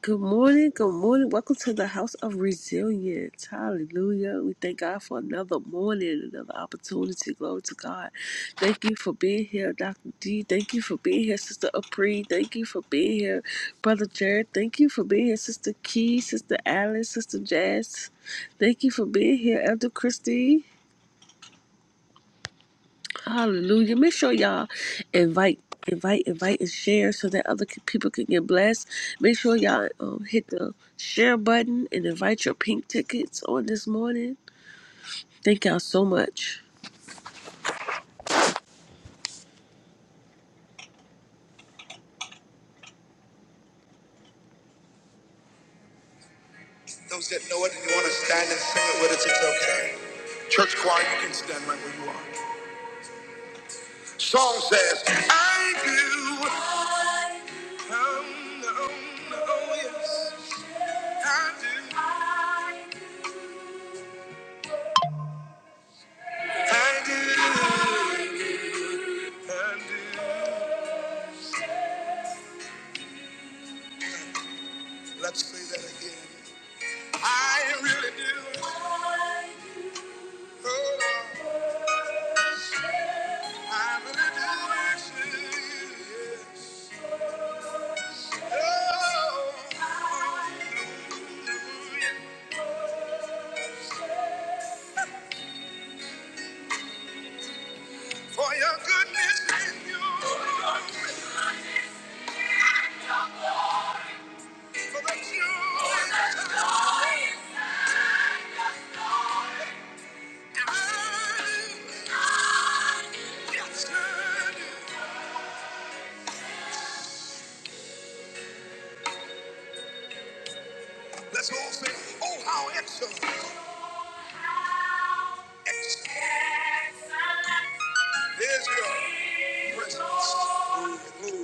Good morning. Good morning. Welcome to the House of Resilience. Hallelujah. We thank God for another morning, another opportunity. Glory to God. Thank you for being here, Dr. D. Thank you for being here, Sister Apri. Thank you for being here, Brother Jared. Thank you for being here, Sister Key, Sister Alice, Sister Jazz. Thank you for being here, Elder Christie. Hallelujah. Make sure y'all invite, invite, invite, and share so that other c- people can get blessed. Make sure y'all um, hit the share button and invite your pink tickets on this morning. Thank y'all so much. Those that know it and you want to stand and sing it with us, it's okay. Church choir, you can stand right where you are. Song says, I do. I do. Oh, no, no, yes, I do. I do. I do. Let's say that again. I really do. Oh, I really do. Yes. Oh, hallelujah. for your goodness and your for the joy. I do. Yes, I do. Let's all say, oh, how excellent. Excellent is your presence. Glory,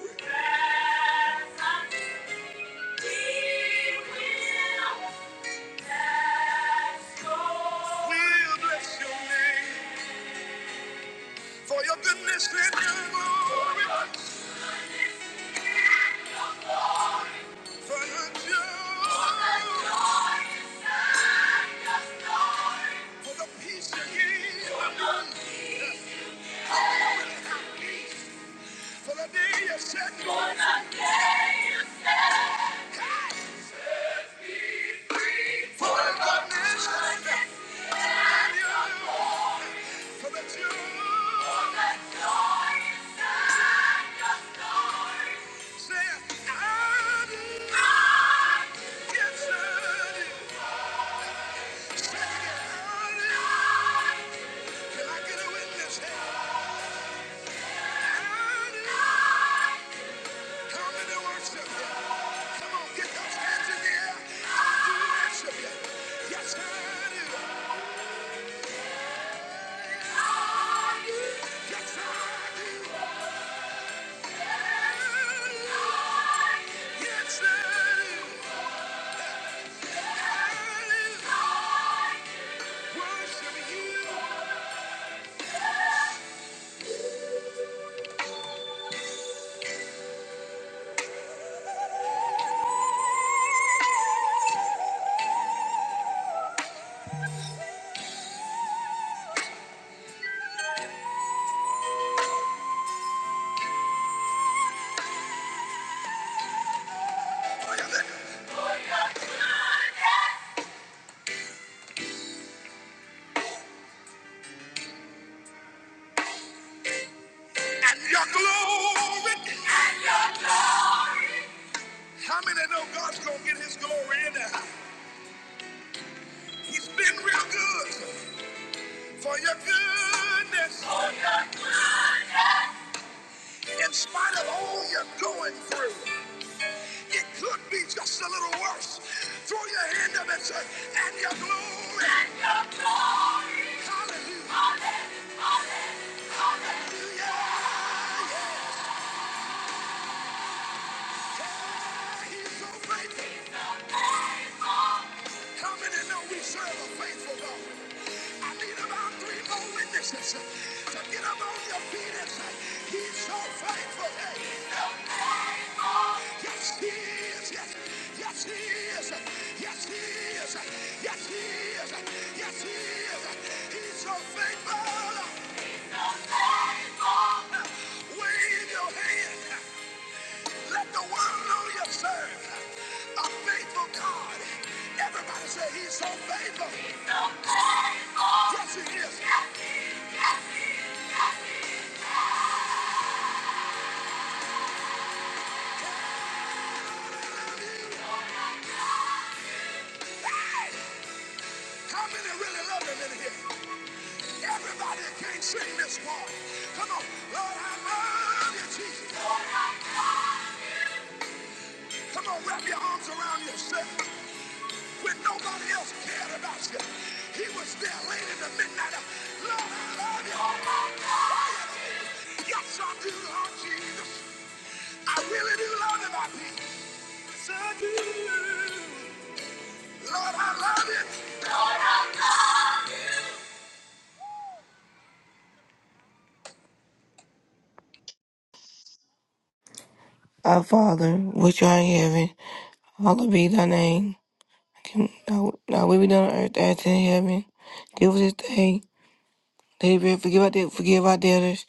glory. We'll bless your name for your goodness and your glory. Say, I do. Yes, Come on, get those hands in the air. worship you. Yes, I do. I do. Yes, I do. I do. Yes, I do. I Worship you. Look at that. And your glory. And your glory. How many know God's gonna get his glory in there? He's been real good for your goodness. For your goodness. In spite of all you're going through, it could be just a little worse. Throw your hand up and say, and your glory. And your glory. Hallelujah. Hallelujah. Hallelujah. Hallelujah. Yeah, yeah. Yeah, He's so faithful. How many know we serve a faithful God? I need about three more witnesses. So get up on your feet and say, He's so faithful. Hey, He's so faithful. Yes, He is. Yes, yes, He is. Yes, He is. Yes, He is. Yes, He is. He's so faithful. God, Wave your hand. Let the world know you serve a faithful God. Everybody say, He's so faithful. He's so Yes, he is. How many really love him in here? Everybody that can't sing this one. Come on, Lord, I love you, Jesus. Come on, wrap your arms around yourself. When nobody else cared about you, he was there late in the midnight. hour. Lord, I love you. Yes, I do, Lord Jesus. I really do love Him, my peace. Yes, I do. Lord, I love you. Our Father, which art in heaven, hallowed be thy name. Kingdom- Thy thy will be done on earth as in heaven. Give us this day. Daily bread, forgive our debt, forgive our debtors.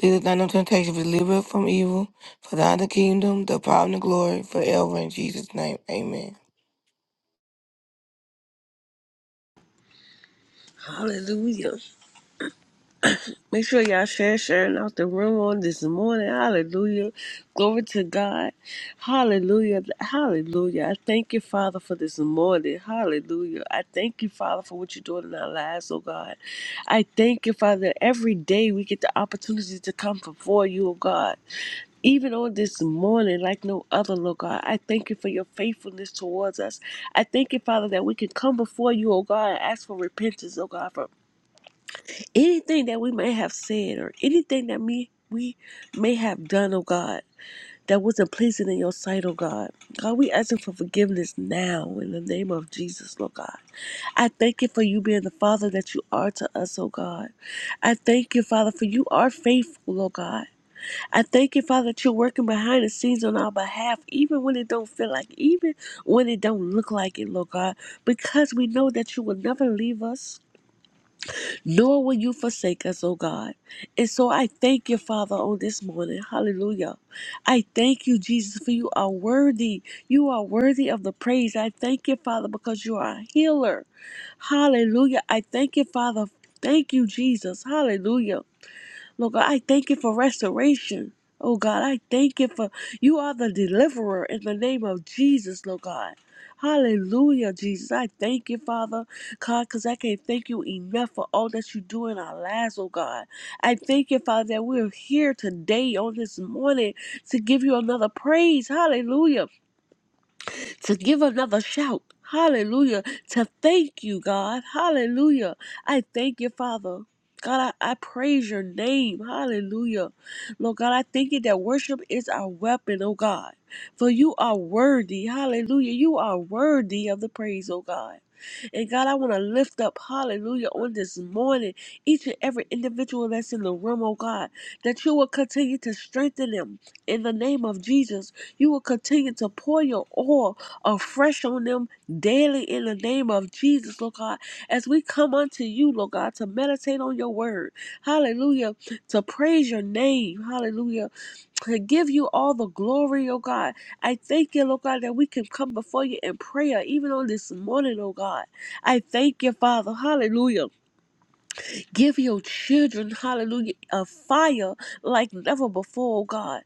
Lead us not into temptation, but deliver us from evil. For thine is the kingdom, the power, and the glory, forever in Jesus' name. Amen. Hallelujah. Make sure y'all share sharing out the room on this morning. Hallelujah. Glory to God. Hallelujah. Hallelujah. I thank you, Father, for this morning. Hallelujah. I thank you, Father, for what you're doing in our lives, oh God. I thank you, Father, that every day we get the opportunity to come before you, oh God even on this morning, like no other, Lord God. I thank you for your faithfulness towards us. I thank you, Father, that we can come before you, oh God, and ask for repentance, oh God, from anything that we may have said or anything that me we may have done, oh God, that wasn't pleasing in your sight, oh God. God, we asking for forgiveness now in the name of Jesus, Lord God. I thank you for you being the Father that you are to us, oh God. I thank you, Father, for you are faithful, oh God. I thank you, Father, that you're working behind the scenes on our behalf, even when it don't feel like, even when it don't look like it, Lord God, because we know that you will never leave us nor will you forsake us, O God. And so I thank you, Father, on this morning. Hallelujah. I thank you, Jesus, for you are worthy. You are worthy of the praise. I thank you, Father, because you are a healer. Hallelujah. I thank you, Father. Thank you, Jesus. Hallelujah. Lord God, I thank you for restoration. Oh God, I thank you for you are the deliverer in the name of Jesus, Lord God. Hallelujah, Jesus. I thank you, Father, God, because I can't thank you enough for all that you do in our lives, oh God. I thank you, Father, that we're here today on this morning to give you another praise. Hallelujah to give another shout. Hallelujah. To thank you, God. Hallelujah. I thank you, Father. God, I, I praise your name. Hallelujah. Lord God, I thank you that worship is our weapon, oh God. For you are worthy. Hallelujah. You are worthy of the praise, oh God. And God, I want to lift up, hallelujah, on this morning, each and every individual that's in the room, oh God, that you will continue to strengthen them in the name of Jesus. You will continue to pour your oil afresh on them daily in the name of Jesus, Lord God, as we come unto you, Lord God, to meditate on your word. Hallelujah. To praise your name. Hallelujah. To give you all the glory, oh God. I thank you, Lord God, that we can come before you in prayer, even on this morning, oh God. I thank you, Father. Hallelujah. Give your children, hallelujah, a fire like never before, oh God.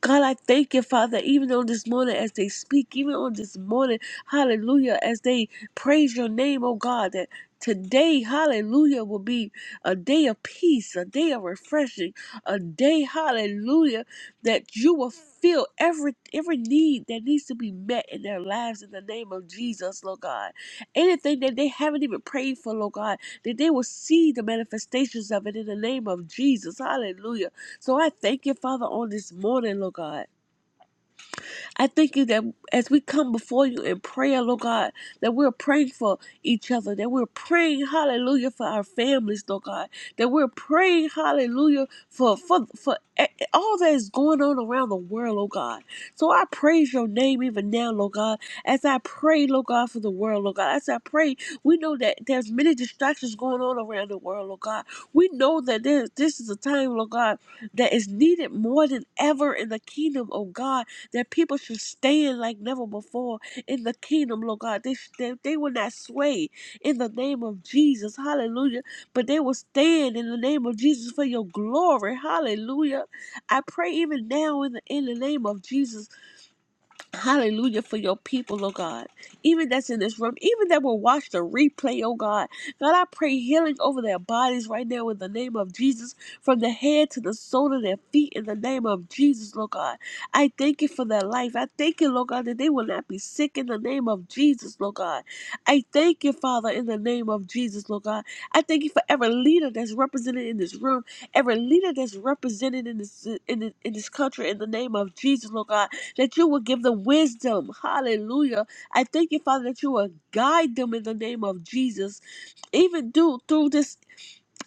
God, I thank you, Father, even on this morning as they speak, even on this morning, hallelujah, as they praise your name, oh God, that today, hallelujah, will be a day of peace, a day of refreshing, a day, hallelujah, that you will fill every every need that needs to be met in their lives in the name of Jesus, Lord God. Anything that they haven't even prayed for, Lord God, that they will see the manifestations of it in the name of Jesus. Hallelujah. So I thank you, Father, on this morning, Lord God. I thank you that as we come before you in prayer, Lord God, that we're praying for each other, that we're praying, hallelujah, for our families, Lord God, that we're praying, hallelujah, for, for, for e- all that is going on around the world, oh God. So I praise your name even now, Lord God, as I pray, Lord God, for the world, Lord God. As I pray, we know that there's many distractions going on around the world, Lord God. We know that there, this is a time, Lord God, that is needed more than ever in the kingdom of God that people should stand like never before in the kingdom, Lord God. They, sh- they, they will not sway in the name of Jesus. Hallelujah. But they will stand in the name of Jesus for your glory. Hallelujah. I pray even now in the, in the name of Jesus Hallelujah for your people, oh God. Even that's in this room, even that will watch the replay, oh God. God, I pray healing over their bodies right now in the name of Jesus, from the head to the sole of their feet in the name of Jesus, Lord God. I thank you for their life. I thank you, Lord God, that they will not be sick in the name of Jesus, Lord God. I thank you, Father, in the name of Jesus, Lord God. I thank you for every leader that's represented in this room, every leader that's represented in this in, in this country in the name of Jesus, Lord God that you will give them wisdom. Hallelujah. I thank you, Father, that you will guide them in the name of Jesus, even do through this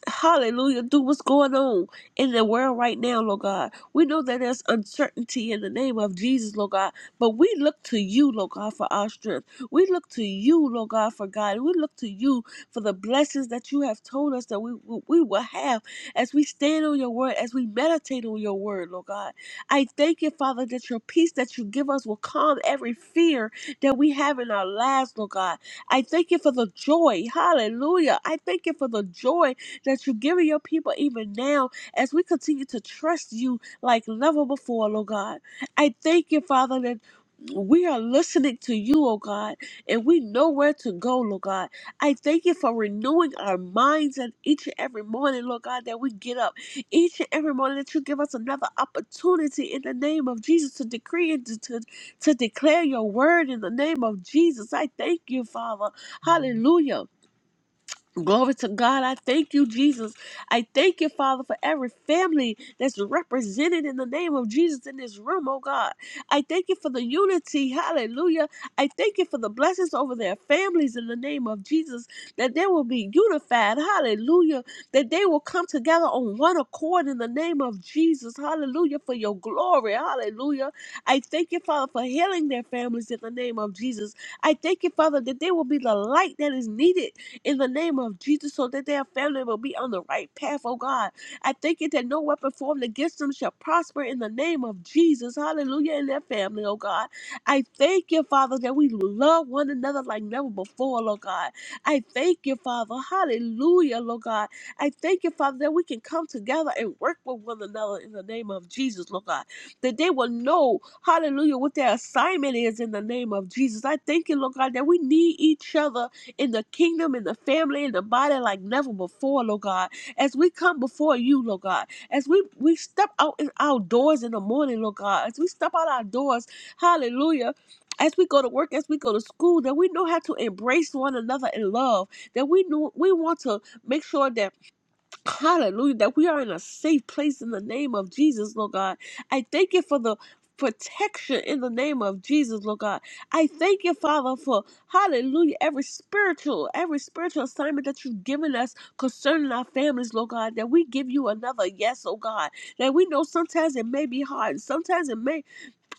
Hallelujah. Do what's going on in the world right now, Lord God. We know that there's uncertainty in the name of Jesus, Lord God. But we look to you, Lord God, for our strength. We look to you, Lord God, for God. We look to you for the blessings that you have told us that we, we will have as we stand on your word, as we meditate on your word, Lord God. I thank you, Father, that your peace that you give us will calm every fear that we have in our lives, Lord God. I thank you for the joy. Hallelujah. I thank you for the joy that you're giving your people even now as we continue to trust you like never before, Lord God. I thank you, Father, that we are listening to you, oh God, and we know where to go, Lord God. I thank you for renewing our minds and each and every morning, Lord God, that we get up. Each and every morning that you give us another opportunity in the name of Jesus to decree and to, to, to declare your word in the name of Jesus. I thank you, Father. Hallelujah. Glory to God. I thank you, Jesus. I thank you, Father, for every family that's represented in the name of Jesus in this room, oh God. I thank you for the unity. Hallelujah. I thank you for the blessings over their families in the name of Jesus, that they will be unified. Hallelujah. That they will come together on one accord in the name of Jesus. Hallelujah. For your glory. Hallelujah. I thank you, Father, for healing their families in the name of Jesus. I thank you, Father, that they will be the light that is needed in the name of Jesus so that their family will be on the right path, oh God. I thank you that no weapon formed against them shall prosper in the name of Jesus. Hallelujah. And their family, oh God. I thank you, Father, that we love one another like never before, Lord God. I thank you, Father. Hallelujah, Lord God. I thank you, Father, that we can come together and work with one another in the name of Jesus, Lord God. That they will know, hallelujah, what their assignment is in the name of Jesus. I thank you, Lord God, that we need each other in the kingdom, in the family, in the body like never before, Lord God. As we come before you, Lord God, as we, we step out in our doors in the morning, Lord God, as we step out our doors, hallelujah. As we go to work, as we go to school, that we know how to embrace one another in love, that we know we want to make sure that Hallelujah, that we are in a safe place in the name of Jesus, Lord God. I thank you for the protection in the name of Jesus, Lord God. I thank you, Father, for hallelujah, every spiritual, every spiritual assignment that you've given us concerning our families, Lord God, that we give you another yes, oh God. That we know sometimes it may be hard, sometimes it may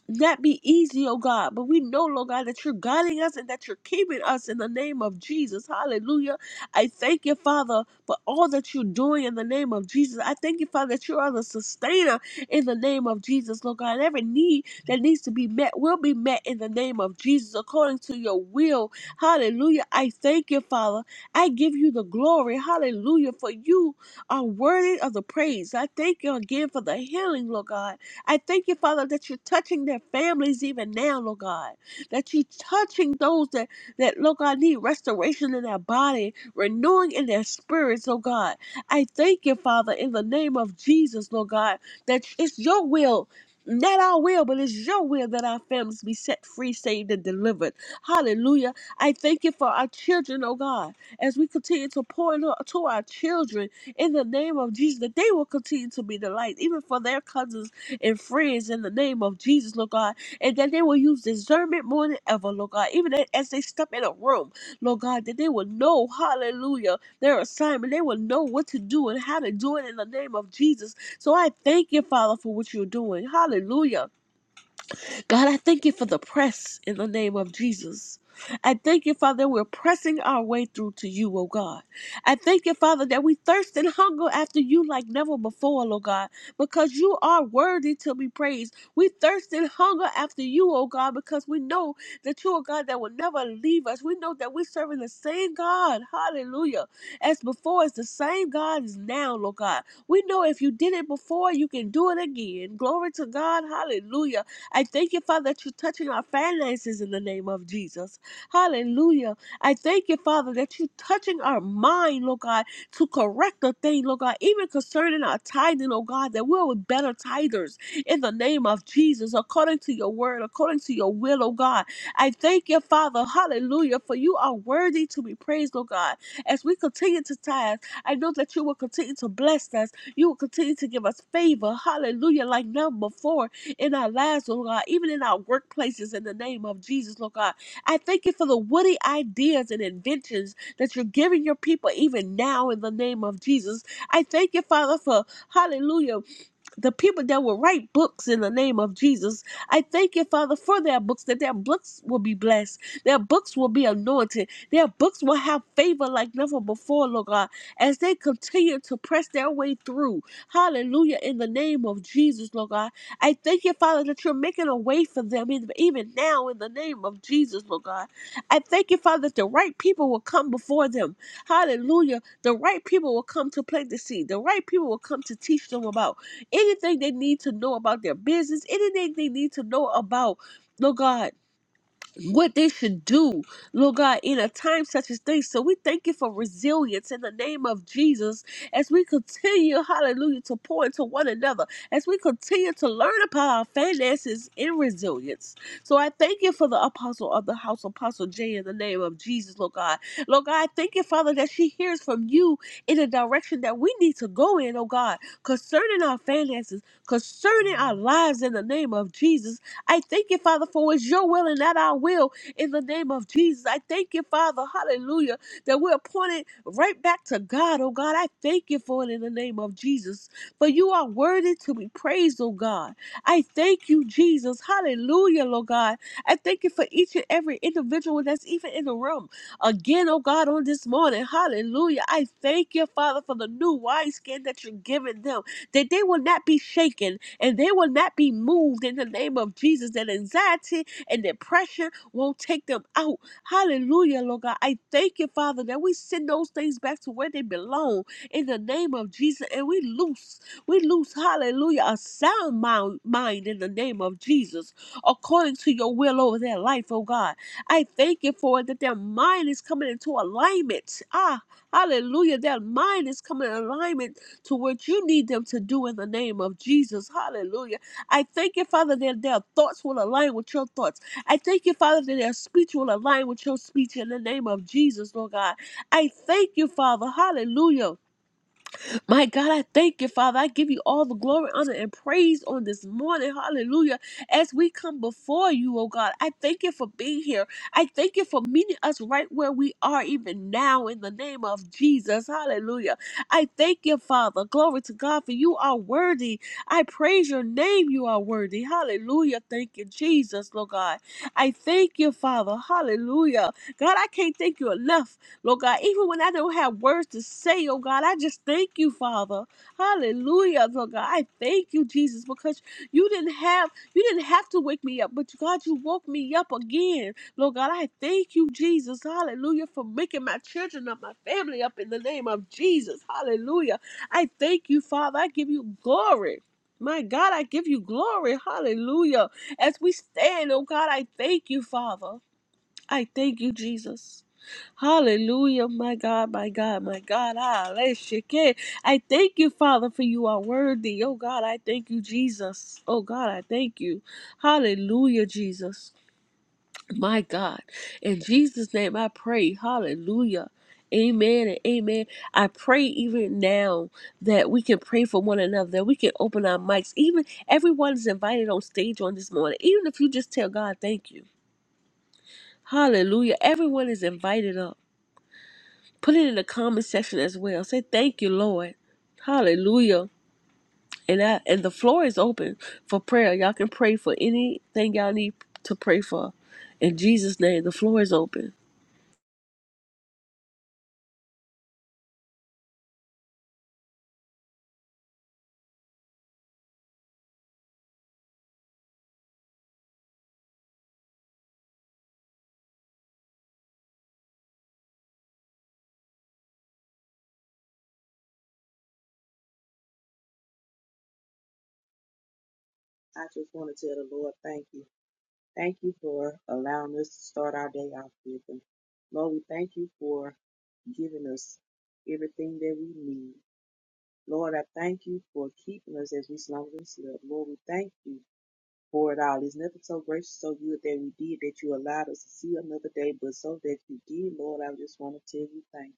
not be easy, oh God, but we know, Lord God, that you're guiding us and that you're keeping us in the name of Jesus. Hallelujah. I thank you, Father, for all that you're doing in the name of Jesus. I thank you, Father, that you are the sustainer in the name of Jesus, Lord God. Every need that needs to be met will be met in the name of Jesus according to your will. Hallelujah. I thank you, Father. I give you the glory. Hallelujah. For you are worthy of the praise. I thank you again for the healing, Lord God. I thank you, Father, that you're touching their families even now, Lord God. That you're touching those that, that Lord God, need restoration in their body, renewing in their spirits, Lord God. I thank you, Father, in the name of Jesus, Lord God, that it's your will. Not our will, but it's your will that our families be set free, saved, and delivered. Hallelujah. I thank you for our children, oh God, as we continue to pour into- to our children in the name of Jesus, that they will continue to be the light, even for their cousins and friends in the name of Jesus, Lord God, and that they will use discernment more than ever, Lord God, even a- as they step in a room, Lord God, that they will know, hallelujah, their assignment. They will know what to do and how to do it in the name of Jesus. So I thank you, Father, for what you're doing. Hallelujah. God, I thank you for the press in the name of Jesus. I thank you, Father, we're pressing our way through to you, oh God. I thank you, Father, that we thirst and hunger after you like never before, oh God, because you are worthy to be praised. We thirst and hunger after you, oh God, because we know that you are God that will never leave us. We know that we're serving the same God, hallelujah, as before, it's the same God as now, oh God. We know if you did it before, you can do it again. Glory to God, hallelujah. I thank you, Father, that you're touching our finances in the name of Jesus. Hallelujah. I thank you, Father, that you're touching our mind, Lord God, to correct the thing, Lord God, even concerning our tithing, oh God, that we're with better tithers in the name of Jesus, according to your word, according to your will, oh God. I thank you, Father, hallelujah, for you are worthy to be praised, oh God. As we continue to tithe, I know that you will continue to bless us. You will continue to give us favor, hallelujah, like none before in our lives, Lord God, even in our workplaces in the name of Jesus, Lord God. I thank you for the woody ideas and inventions that you're giving your people even now in the name of Jesus. I thank you, Father, for hallelujah the people that will write books in the name of Jesus. I thank you, Father, for their books, that their books will be blessed, their books will be anointed, their books will have favor like never before, Lord God, as they continue to press their way through. Hallelujah, in the name of Jesus, Lord God. I thank you, Father, that you're making a way for them even now in the name of Jesus, Lord God. I thank you, Father, that the right people will come before them. Hallelujah. The right people will come to plant the seed, the right people will come to teach them about anything they need to know about their business, anything they need to know about, Lord God, what they should do, Lord God, in a time such as this. So we thank you for resilience in the name of Jesus as we continue, hallelujah, to pour into one another, as we continue to learn about our finances in resilience. So I thank you for the apostle of the house, Apostle Jay, in the name of Jesus, Lord God. Lord God, I thank you, Father, that she hears from you in the direction that we need to go in, oh God, concerning our finances, concerning our lives in the name of Jesus. I thank you, Father, for it's your will and not our will in the name of Jesus. I thank you, Father, hallelujah, that we're pointed right back to God, oh God. I thank you for it in the name of Jesus. For you are worthy to be praised, oh God. I thank you, Jesus. Hallelujah, Lord God. I thank you for each and every individual that's even in the room. Again, oh God, on this morning. Hallelujah. I thank you, Father, for the new wineskin that you're giving them, that they will not be shaken and they will not be moved in the name of Jesus. That anxiety and depression won't take them out. Hallelujah, Lord God. I thank you, Father, that we send those things back to where they belong in the name of Jesus. And we loose, we loose, hallelujah, a sound mind, mind in the name of Jesus, according to your will over their life, oh God. I thank you for it that their mind is coming into alignment. Ah, hallelujah. Their mind is coming in alignment to what you need them to do in the name of Jesus. Hallelujah. I thank you, Father, that their thoughts will align with your thoughts. I thank you, Father, that their speech will align with your speech in the name of Jesus, Lord God. I thank you, Father. Hallelujah my God, I thank you, Father. I give you all the glory, honor, and praise on this morning. Hallelujah. As we come before you, oh God, I thank you for being here. I thank you for meeting us right where we are, even now, in the name of Jesus. Hallelujah. I thank you, Father. Glory to God, for you are worthy. I praise your name. You are worthy. Hallelujah. Thank you, Jesus, Lord God. I thank you, Father. Hallelujah. God, I can't thank you enough. Lord God, even when I don't have words to say, oh God, I just thank you, Father. Hallelujah, Lord God. I thank you, Jesus, because you didn't have you didn't have to wake me up, but God, you woke me up again. Lord God, I thank you, Jesus. Hallelujah, for waking my children up, my family up in the name of Jesus. Hallelujah. I thank you, Father. I give you glory. My God, I give you glory. Hallelujah. As we stand, oh God, I thank you, Father. I thank you, Jesus. Hallelujah, my God, my God, my God. Hallelujah. I thank you, Father, for you are worthy. Oh God, I thank you, Jesus. Oh God, I thank you. Hallelujah, Jesus. My God. In Jesus' name I pray. Hallelujah. Amen and amen. I pray even now that we can pray for one another, that we can open our mics. Even everyone is invited on stage on this morning. Even if you just tell God, thank you. Hallelujah. Everyone is invited up. Put it in the comment section as well. Say thank you, Lord. Hallelujah. And I, and the floor is open for prayer. Y'all can pray for anything y'all need to pray for. In Jesus' name, the floor is open. I just want to tell the Lord, thank you. Thank you for allowing us to start our day off with Him. Lord, we thank you for giving us everything that we need. Lord, I thank you for keeping us as we slumbered and slept. Lord, we thank you for it all. There's nothing so gracious, so good that we did, that you allowed us to see another day, but so that you did, Lord, I just want to tell you thank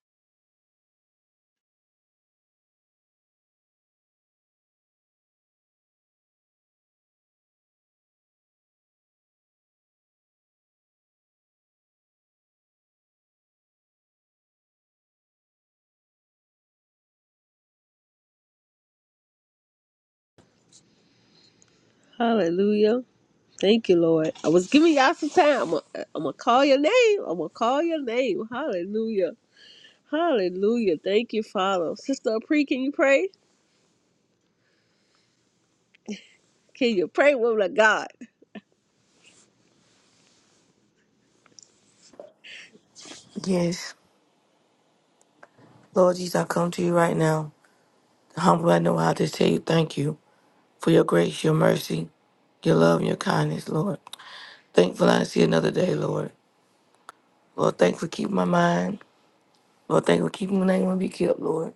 Hallelujah. Thank you, Lord. I was giving y'all some time. I'm gonna call your name. I'm gonna call your name. Hallelujah. Hallelujah. Thank you, Father. Sister Apri, can you pray? Can you pray, woman of God? Yes, Lord Jesus, I come to you right now. Humble, I know how to tell you thank you for your grace, your mercy, your love, and your kindness, Lord. Thankful I see another day, Lord. Lord, thanks for keeping my mind. Lord, thank you for keeping when they want to be killed, Lord.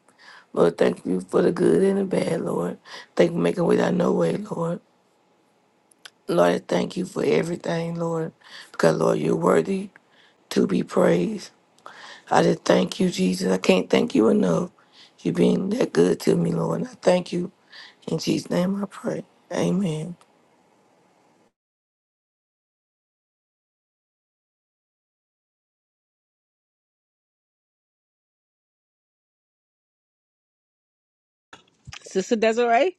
Lord, thank you for the good and the bad, Lord. Thank you for making a way out of no way, Lord. Lord, I thank you for everything, Lord, because, Lord, you're worthy to be praised. I just thank you, Jesus. I can't thank you enough. You've been that good to me, Lord. And I thank you. In Jesus' name I pray. Amen. Sister Desiree?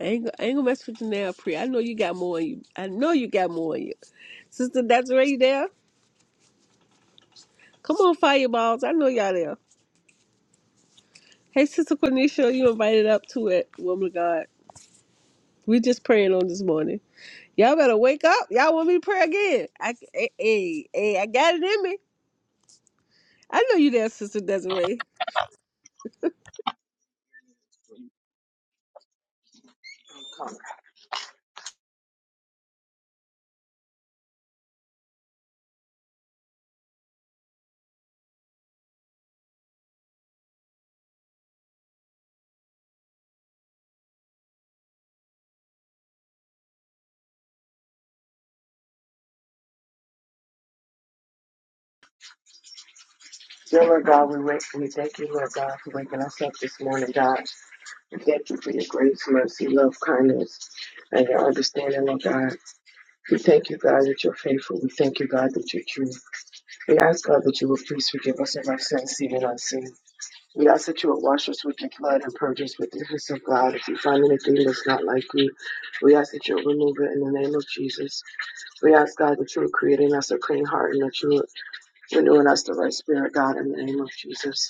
I ain't, go- I ain't gonna mess with you now, Pre. I know you got more in you. I know you got more in you. Sister Desiree, you there? Come on, fireballs. I know y'all there. Hey, Sister Cornisha, you invited up to it, woman of God. We just praying on this morning. Y'all better wake up. Y'all want me to pray again. I, hey, hey, hey, I got it in me. I know you there, Sister Desiree. Dear Lord God, we wait for you. Thank you, Lord God, for waking us up this morning, God. We thank you for your grace, mercy, love, kindness, and your understanding, Lord God. We thank you, God, that you're faithful. We thank you, God, that you're true. We ask, God, that you will please forgive us of our sins, seen and unseen. We ask that you will wash us with your blood and purge us with the hyssop, God. If you find anything that's not like you, we ask that you'll remove it in the name of Jesus. We ask, God, that you are creating us a clean heart and that you are renewing us the right spirit, God, in the name of Jesus.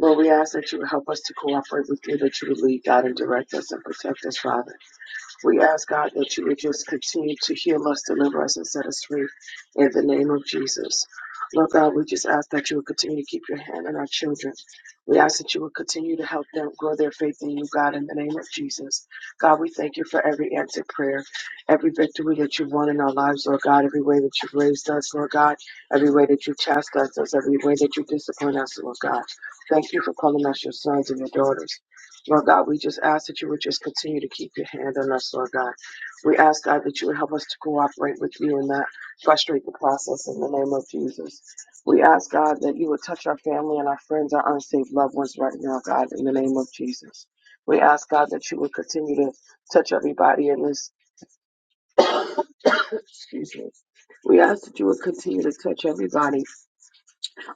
Lord, we ask that you would help us to cooperate with you, that you would lead, God, and direct us and protect us, Father. We ask God that you would just continue to heal us, deliver us, and set us free in the name of Jesus. Lord God, we just ask that you would continue to keep your hand on our children. We ask that you would continue to help them grow their faith in you, God, in the name of Jesus. God, we thank you for every answered prayer, every victory that you've won in our lives, Lord God, every way that you've raised us, Lord God, every way that you chastised us, every way that you discipline us, Lord God. Thank you for calling us your sons and your daughters. Lord God, we just ask that you would just continue to keep your hand on us, Lord God. We ask, God, that you would help us to cooperate with you and not frustrate the process in the name of Jesus. We ask, God, that you would touch our family and our friends, our unsaved loved ones right now, God, in the name of Jesus. We ask, God, that you would continue to touch everybody in this, excuse me. We ask that you would continue to touch everybody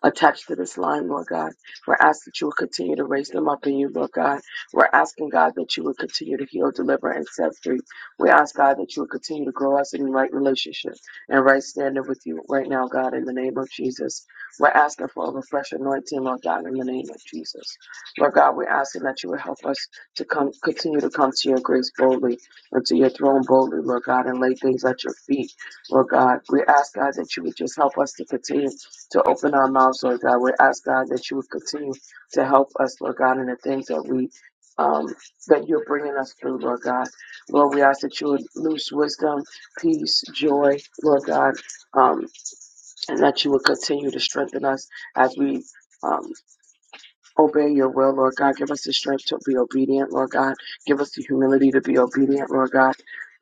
attached to this line, Lord God. We're asking that you will continue to raise them up in you, Lord God. We're asking, God, that you will continue to heal, deliver, and set free. We ask, God, that you will continue to grow us in right relationship and right standing with you right now, God, in the name of Jesus. We're asking for a refresh anointing, Lord God, in the name of Jesus. Lord God, we're asking that you will help us to come, continue to come to your grace boldly and to your throne boldly, Lord God, and lay things at your feet, Lord God. We ask, God, that you would just help us to continue to open our mouths, Lord God. We ask God that you would continue to help us, Lord God, in the things that we um, that you're bringing us through, Lord God. Lord, we ask that you would loose wisdom, peace, joy, Lord God, um, and that you would continue to strengthen us as we. um obey your will, Lord God. Give us the strength to be obedient, Lord God. Give us the humility to be obedient, Lord God.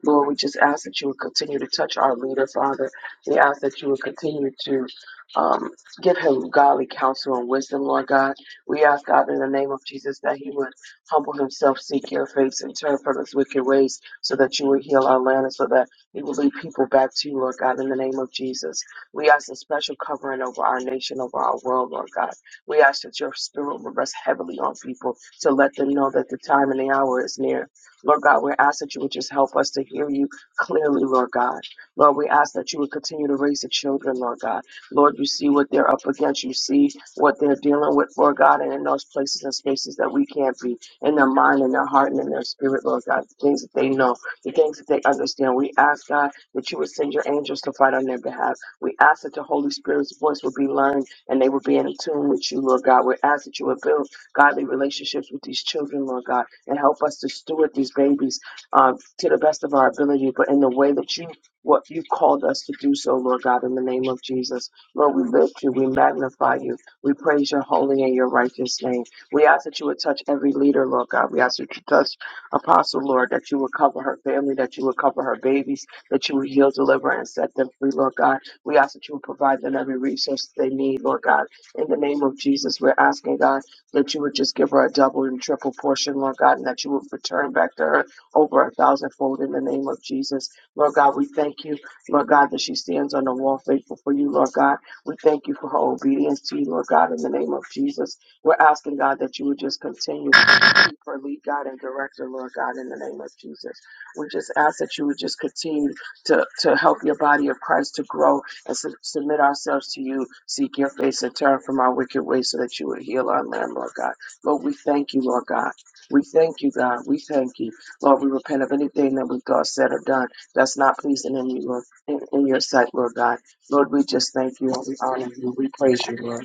Lord, we just ask that you would continue to touch our leader, Father. We ask that you would continue to um, give him godly counsel and wisdom, Lord God. We ask God in the name of Jesus that he would humble himself, seek your face, and turn from his wicked ways so that you would heal our land and so that we will lead people back to you, Lord God, in the name of Jesus. We ask a special covering over our nation, over our world, Lord God. We ask that your spirit will rest heavily on people to let them know that the time and the hour is near. Lord God, we ask that you would just help us to hear you clearly, Lord God. Lord, we ask that you would continue to raise the children, Lord God. Lord, you see what they're up against. You see what they're dealing with, Lord God, and in those places and spaces that we can't be, in their mind, in their heart, and in their spirit, Lord God, the things that they know, the things that they understand. We ask, God, that you would send your angels to fight on their behalf. We ask that the Holy Spirit's voice would be learned and they will be in tune with you, Lord God. We ask that you would build godly relationships with these children, Lord God, and help us to steward these babies uh, to the best of our ability, but in the way that you what you called us to do so, Lord God, in the name of Jesus. Lord, we lift you, we magnify you, we praise your holy and your righteous name. We ask that you would touch every leader, Lord God. We ask that you touch Apostle, Lord, that you would cover her family, that you would cover her babies, that you would heal, deliver, and set them free, Lord God we ask that you would provide them every resource they need, Lord God. In the name of Jesus, we're asking, God, that you would just give her a double and triple portion, Lord God, and that you would return back to her over a thousandfold in the name of Jesus. Lord God, we thank you, Lord God, that she stands on the wall faithful for you, Lord God. We thank you for her obedience to you, Lord God, in the name of Jesus. We're asking, God, that you would just continue to keep her lead, God, and direct her, Lord God, in the name of Jesus. We just ask that you would just continue to, to help your body of Christ to grow and sub- submit ourselves to you, seek your face and turn from our wicked ways so that you would heal our land, Lord God. Lord, we thank you, Lord God. We thank you, God. We thank you. Lord, we repent of anything that we have thought, said, or done that's not pleasing in you, Lord, in, in your sight, Lord God. Lord, we just thank you and we honor you. We praise you, Lord.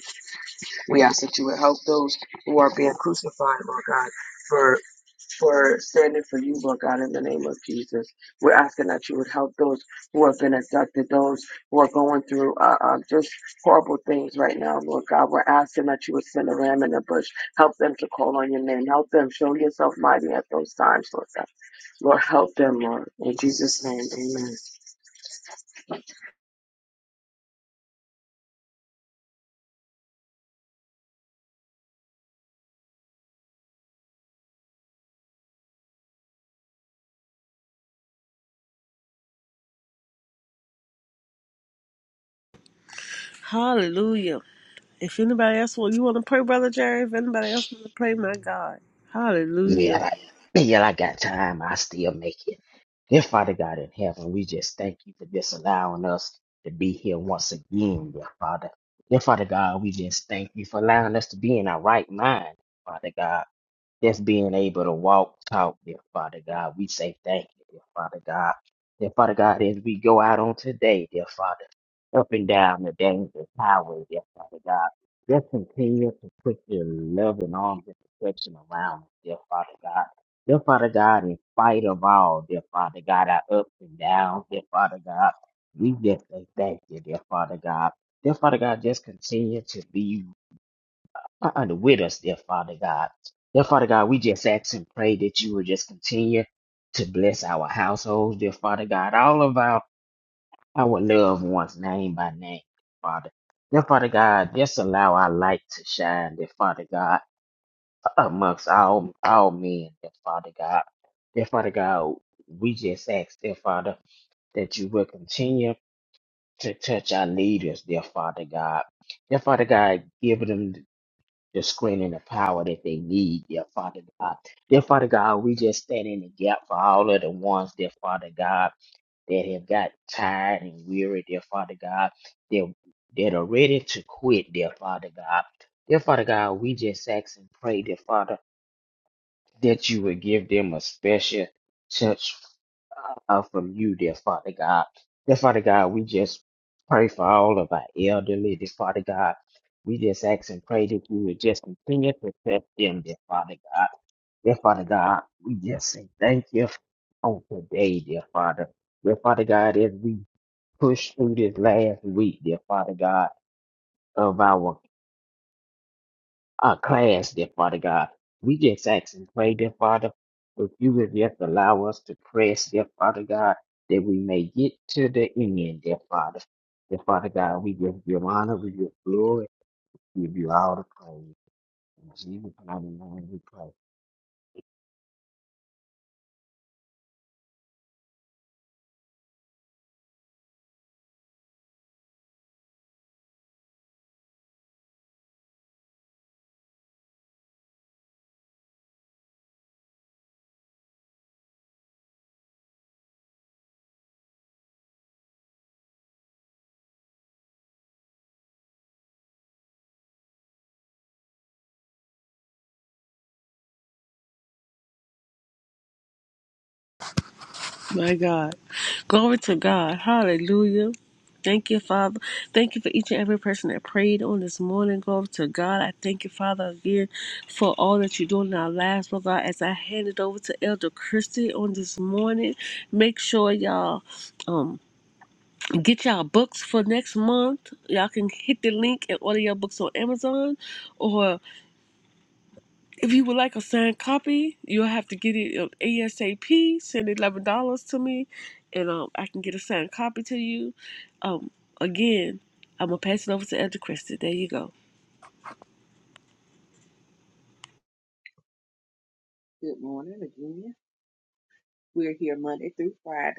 We ask that you would help those who are being crucified, Lord God, for for standing for you, Lord God, in the name of Jesus. We're asking that you would help those who have been abducted, those who are going through uh, uh, just horrible things right now, Lord God. We're asking that you would send a ram in the bush. Help them to call on your name. Help them show yourself mighty at those times, Lord God. Lord, help them, Lord. In Jesus' name, amen. Hallelujah. If anybody else want you want to pray, Brother Jerry, if anybody else want to pray, my God. Yeah, Hallelujah. like, yeah, I got time. I still make it. Dear Father God in heaven, we just thank you for just allowing us to be here once again, dear Father. Dear Father God, we just thank you for allowing us to be in our right mind, Father God just being able to walk, talk, dear Father God. We say thank you, dear Father God. Dear Father God, as we go out on today, dear Father, up and down the dangerous highway, dear Father God, just continue to put your loving arms and protection around us, dear Father God. Dear Father God, in spite of all, dear Father God, our ups and downs, dear Father God, we just say thank you, dear Father God. Dear Father God, just continue to be uh, under with us, dear Father God. Dear Father God, we just ask and pray that you will just continue to bless our households, dear Father God, all of our, our loved ones, name by name, Father. Dear Father God, just allow our light to shine, dear Father God, amongst all, all men, dear Father God. Dear Father God, we just ask, dear Father, that you will continue to touch our leaders, dear Father God. Dear Father God, give them the screening of power that they need, dear Father God. Dear Father God, we just stand in the gap for all of the ones, dear Father God, that have got tired and weary, dear Father God, that, that are ready to quit, dear Father God. Dear Father God, we just ask and pray, dear Father that you would give them a special touch uh, from you, dear Father God. Dear Father God, we just pray for all of our elderly, dear Father God. We just ask and pray that you would just continue to touch them, dear Father God. Dear Father God, we just say thank you on today, dear Father. Dear Father God, as we push through this last week, dear Father God, of our our class, dear Father God. We just ask and pray, dear Father, if you would just allow us to press, dear Father God, that we may get to the end, dear Father. Dear Father God, we give you honor, we give glory, we give you all the praise. In Jesus' mighty name we pray. My God. Glory to God. Hallelujah. Thank you, Father. Thank you for each and every person that prayed on this morning. Glory to God. I thank you, Father, again for all that you're doing in our lives, Lord God. As I hand it over to Elder Christie on this morning, make sure y'all um get y'all books for next month. Y'all can hit the link and order your books on Amazon, or if you would like a signed copy, you'll have to get it um, ASAP. Send eleven dollars to me, and um, I can get a signed copy to you. Um, again, I'm gonna pass it over to Elder Christie. There you go. you. Good morning again. We're here Monday through Friday.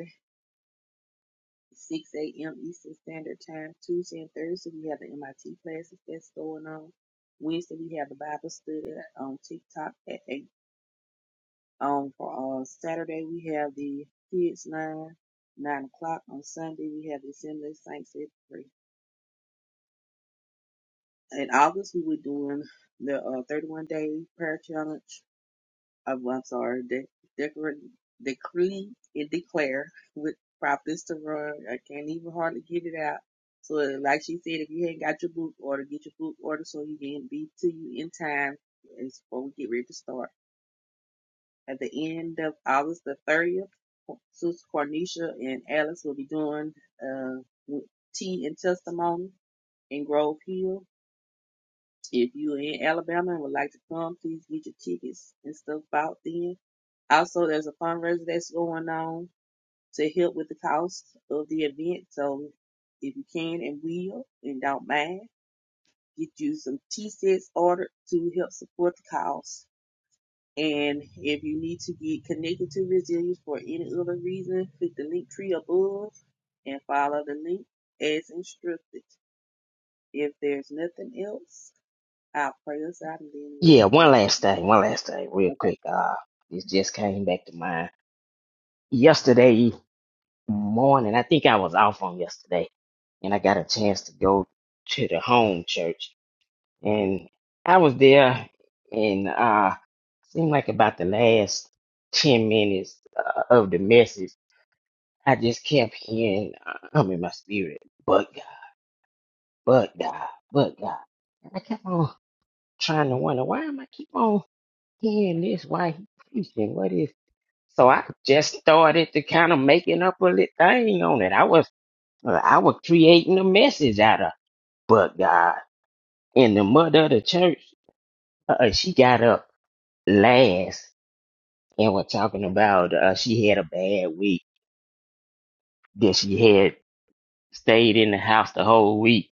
6 a.m. Eastern Standard Time. Tuesday and Thursday, we have the MIT classes that's going on. Wednesday, we have the Bible study on TikTok at 8. Um, for uh, Saturday, we have the Kids Line, 9 o'clock. On Sunday, we have the Assembly of Saints at 3. In August, we were doing the uh, 31 Day Prayer Challenge I'm, I'm sorry, de- decor- decree and declare with Prophetess Terrell. I can't even hardly get it out. So, like she said, if you ain't got your book order, get your book order so you can be to you in time. It's before we get ready to start. At the end of August the 30th, Sus Cornisha and Alice will be doing uh, with tea and testimony in Grove Hill. If you're in Alabama and would like to come, please get your tickets and stuff out then also, there's a fundraiser that's going on to help with the cost of the event. So if you can and will and don't mind, get you some tea sets ordered to help support the cause. And if you need to get connected to Resilience for any other reason, click the link tree above and follow the link as instructed. If there's nothing else, I'll pray us out and then we'll Yeah, one close. last thing, one last thing, real Okay. quick. Uh, this just came back to mind. Yesterday morning, I think I was off on yesterday, and I got a chance to go to the home church and I was there and uh seemed like about the last 10 minutes uh, of the message I just kept hearing uh, I'm in my spirit but God but God but God and I kept on trying to wonder why am I keep on hearing this why he preaching what is so I just started to kind of making up a little thing on it I was I was creating a message out of but God and the mother of the church uh, she got up last and we're talking about uh, she had a bad week that she had stayed in the house the whole week.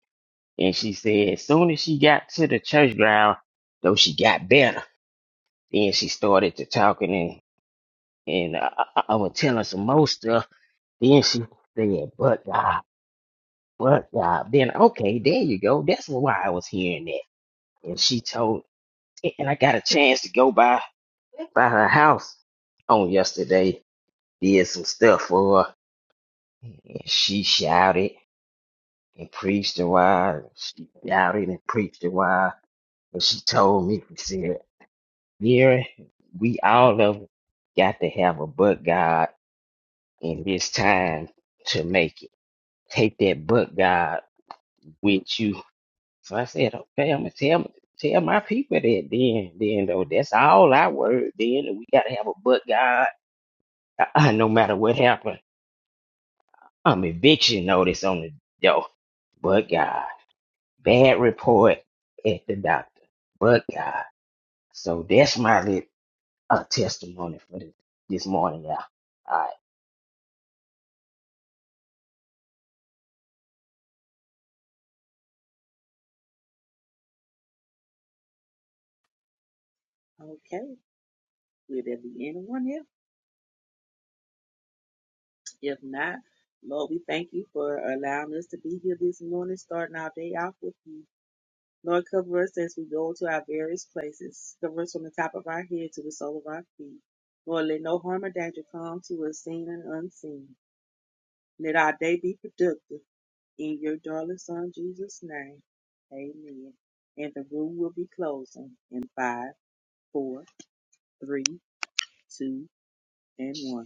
And she said, as soon as she got to the church ground, though she got better. Then she started to talking and, and uh, I, I I was telling some more stuff. Then she said, but God, but God. Then, okay, there you go. That's why I was hearing that. And she told, and I got a chance to go by, by her house on yesterday, did some stuff for her. And she shouted. and preached a while. She shouted and preached a while. But she told me, she said, Mira, we all of us got to have a but God in this time to make it. Take that but God with you. So I said, okay, I'm gonna tell tell my people that then then though that's all I word then and we gotta have a but God Uh, no matter what happened. I'm eviction notice on the door. But God. Bad report at the doctor. But God. So that's my lit, uh, testimony for this, this morning, y'all. All right. Okay. Will there be anyone else? If not, Lord, we thank you for allowing us to be here this morning, starting our day off with you. Lord, cover us as we go to our various places. Cover us from the top of our head to the sole of our feet. Lord, let no harm or danger come to us, seen and unseen. Let our day be productive. In your darling Son, Jesus' name, amen. And the room will be closing in five, four, three, two, and one.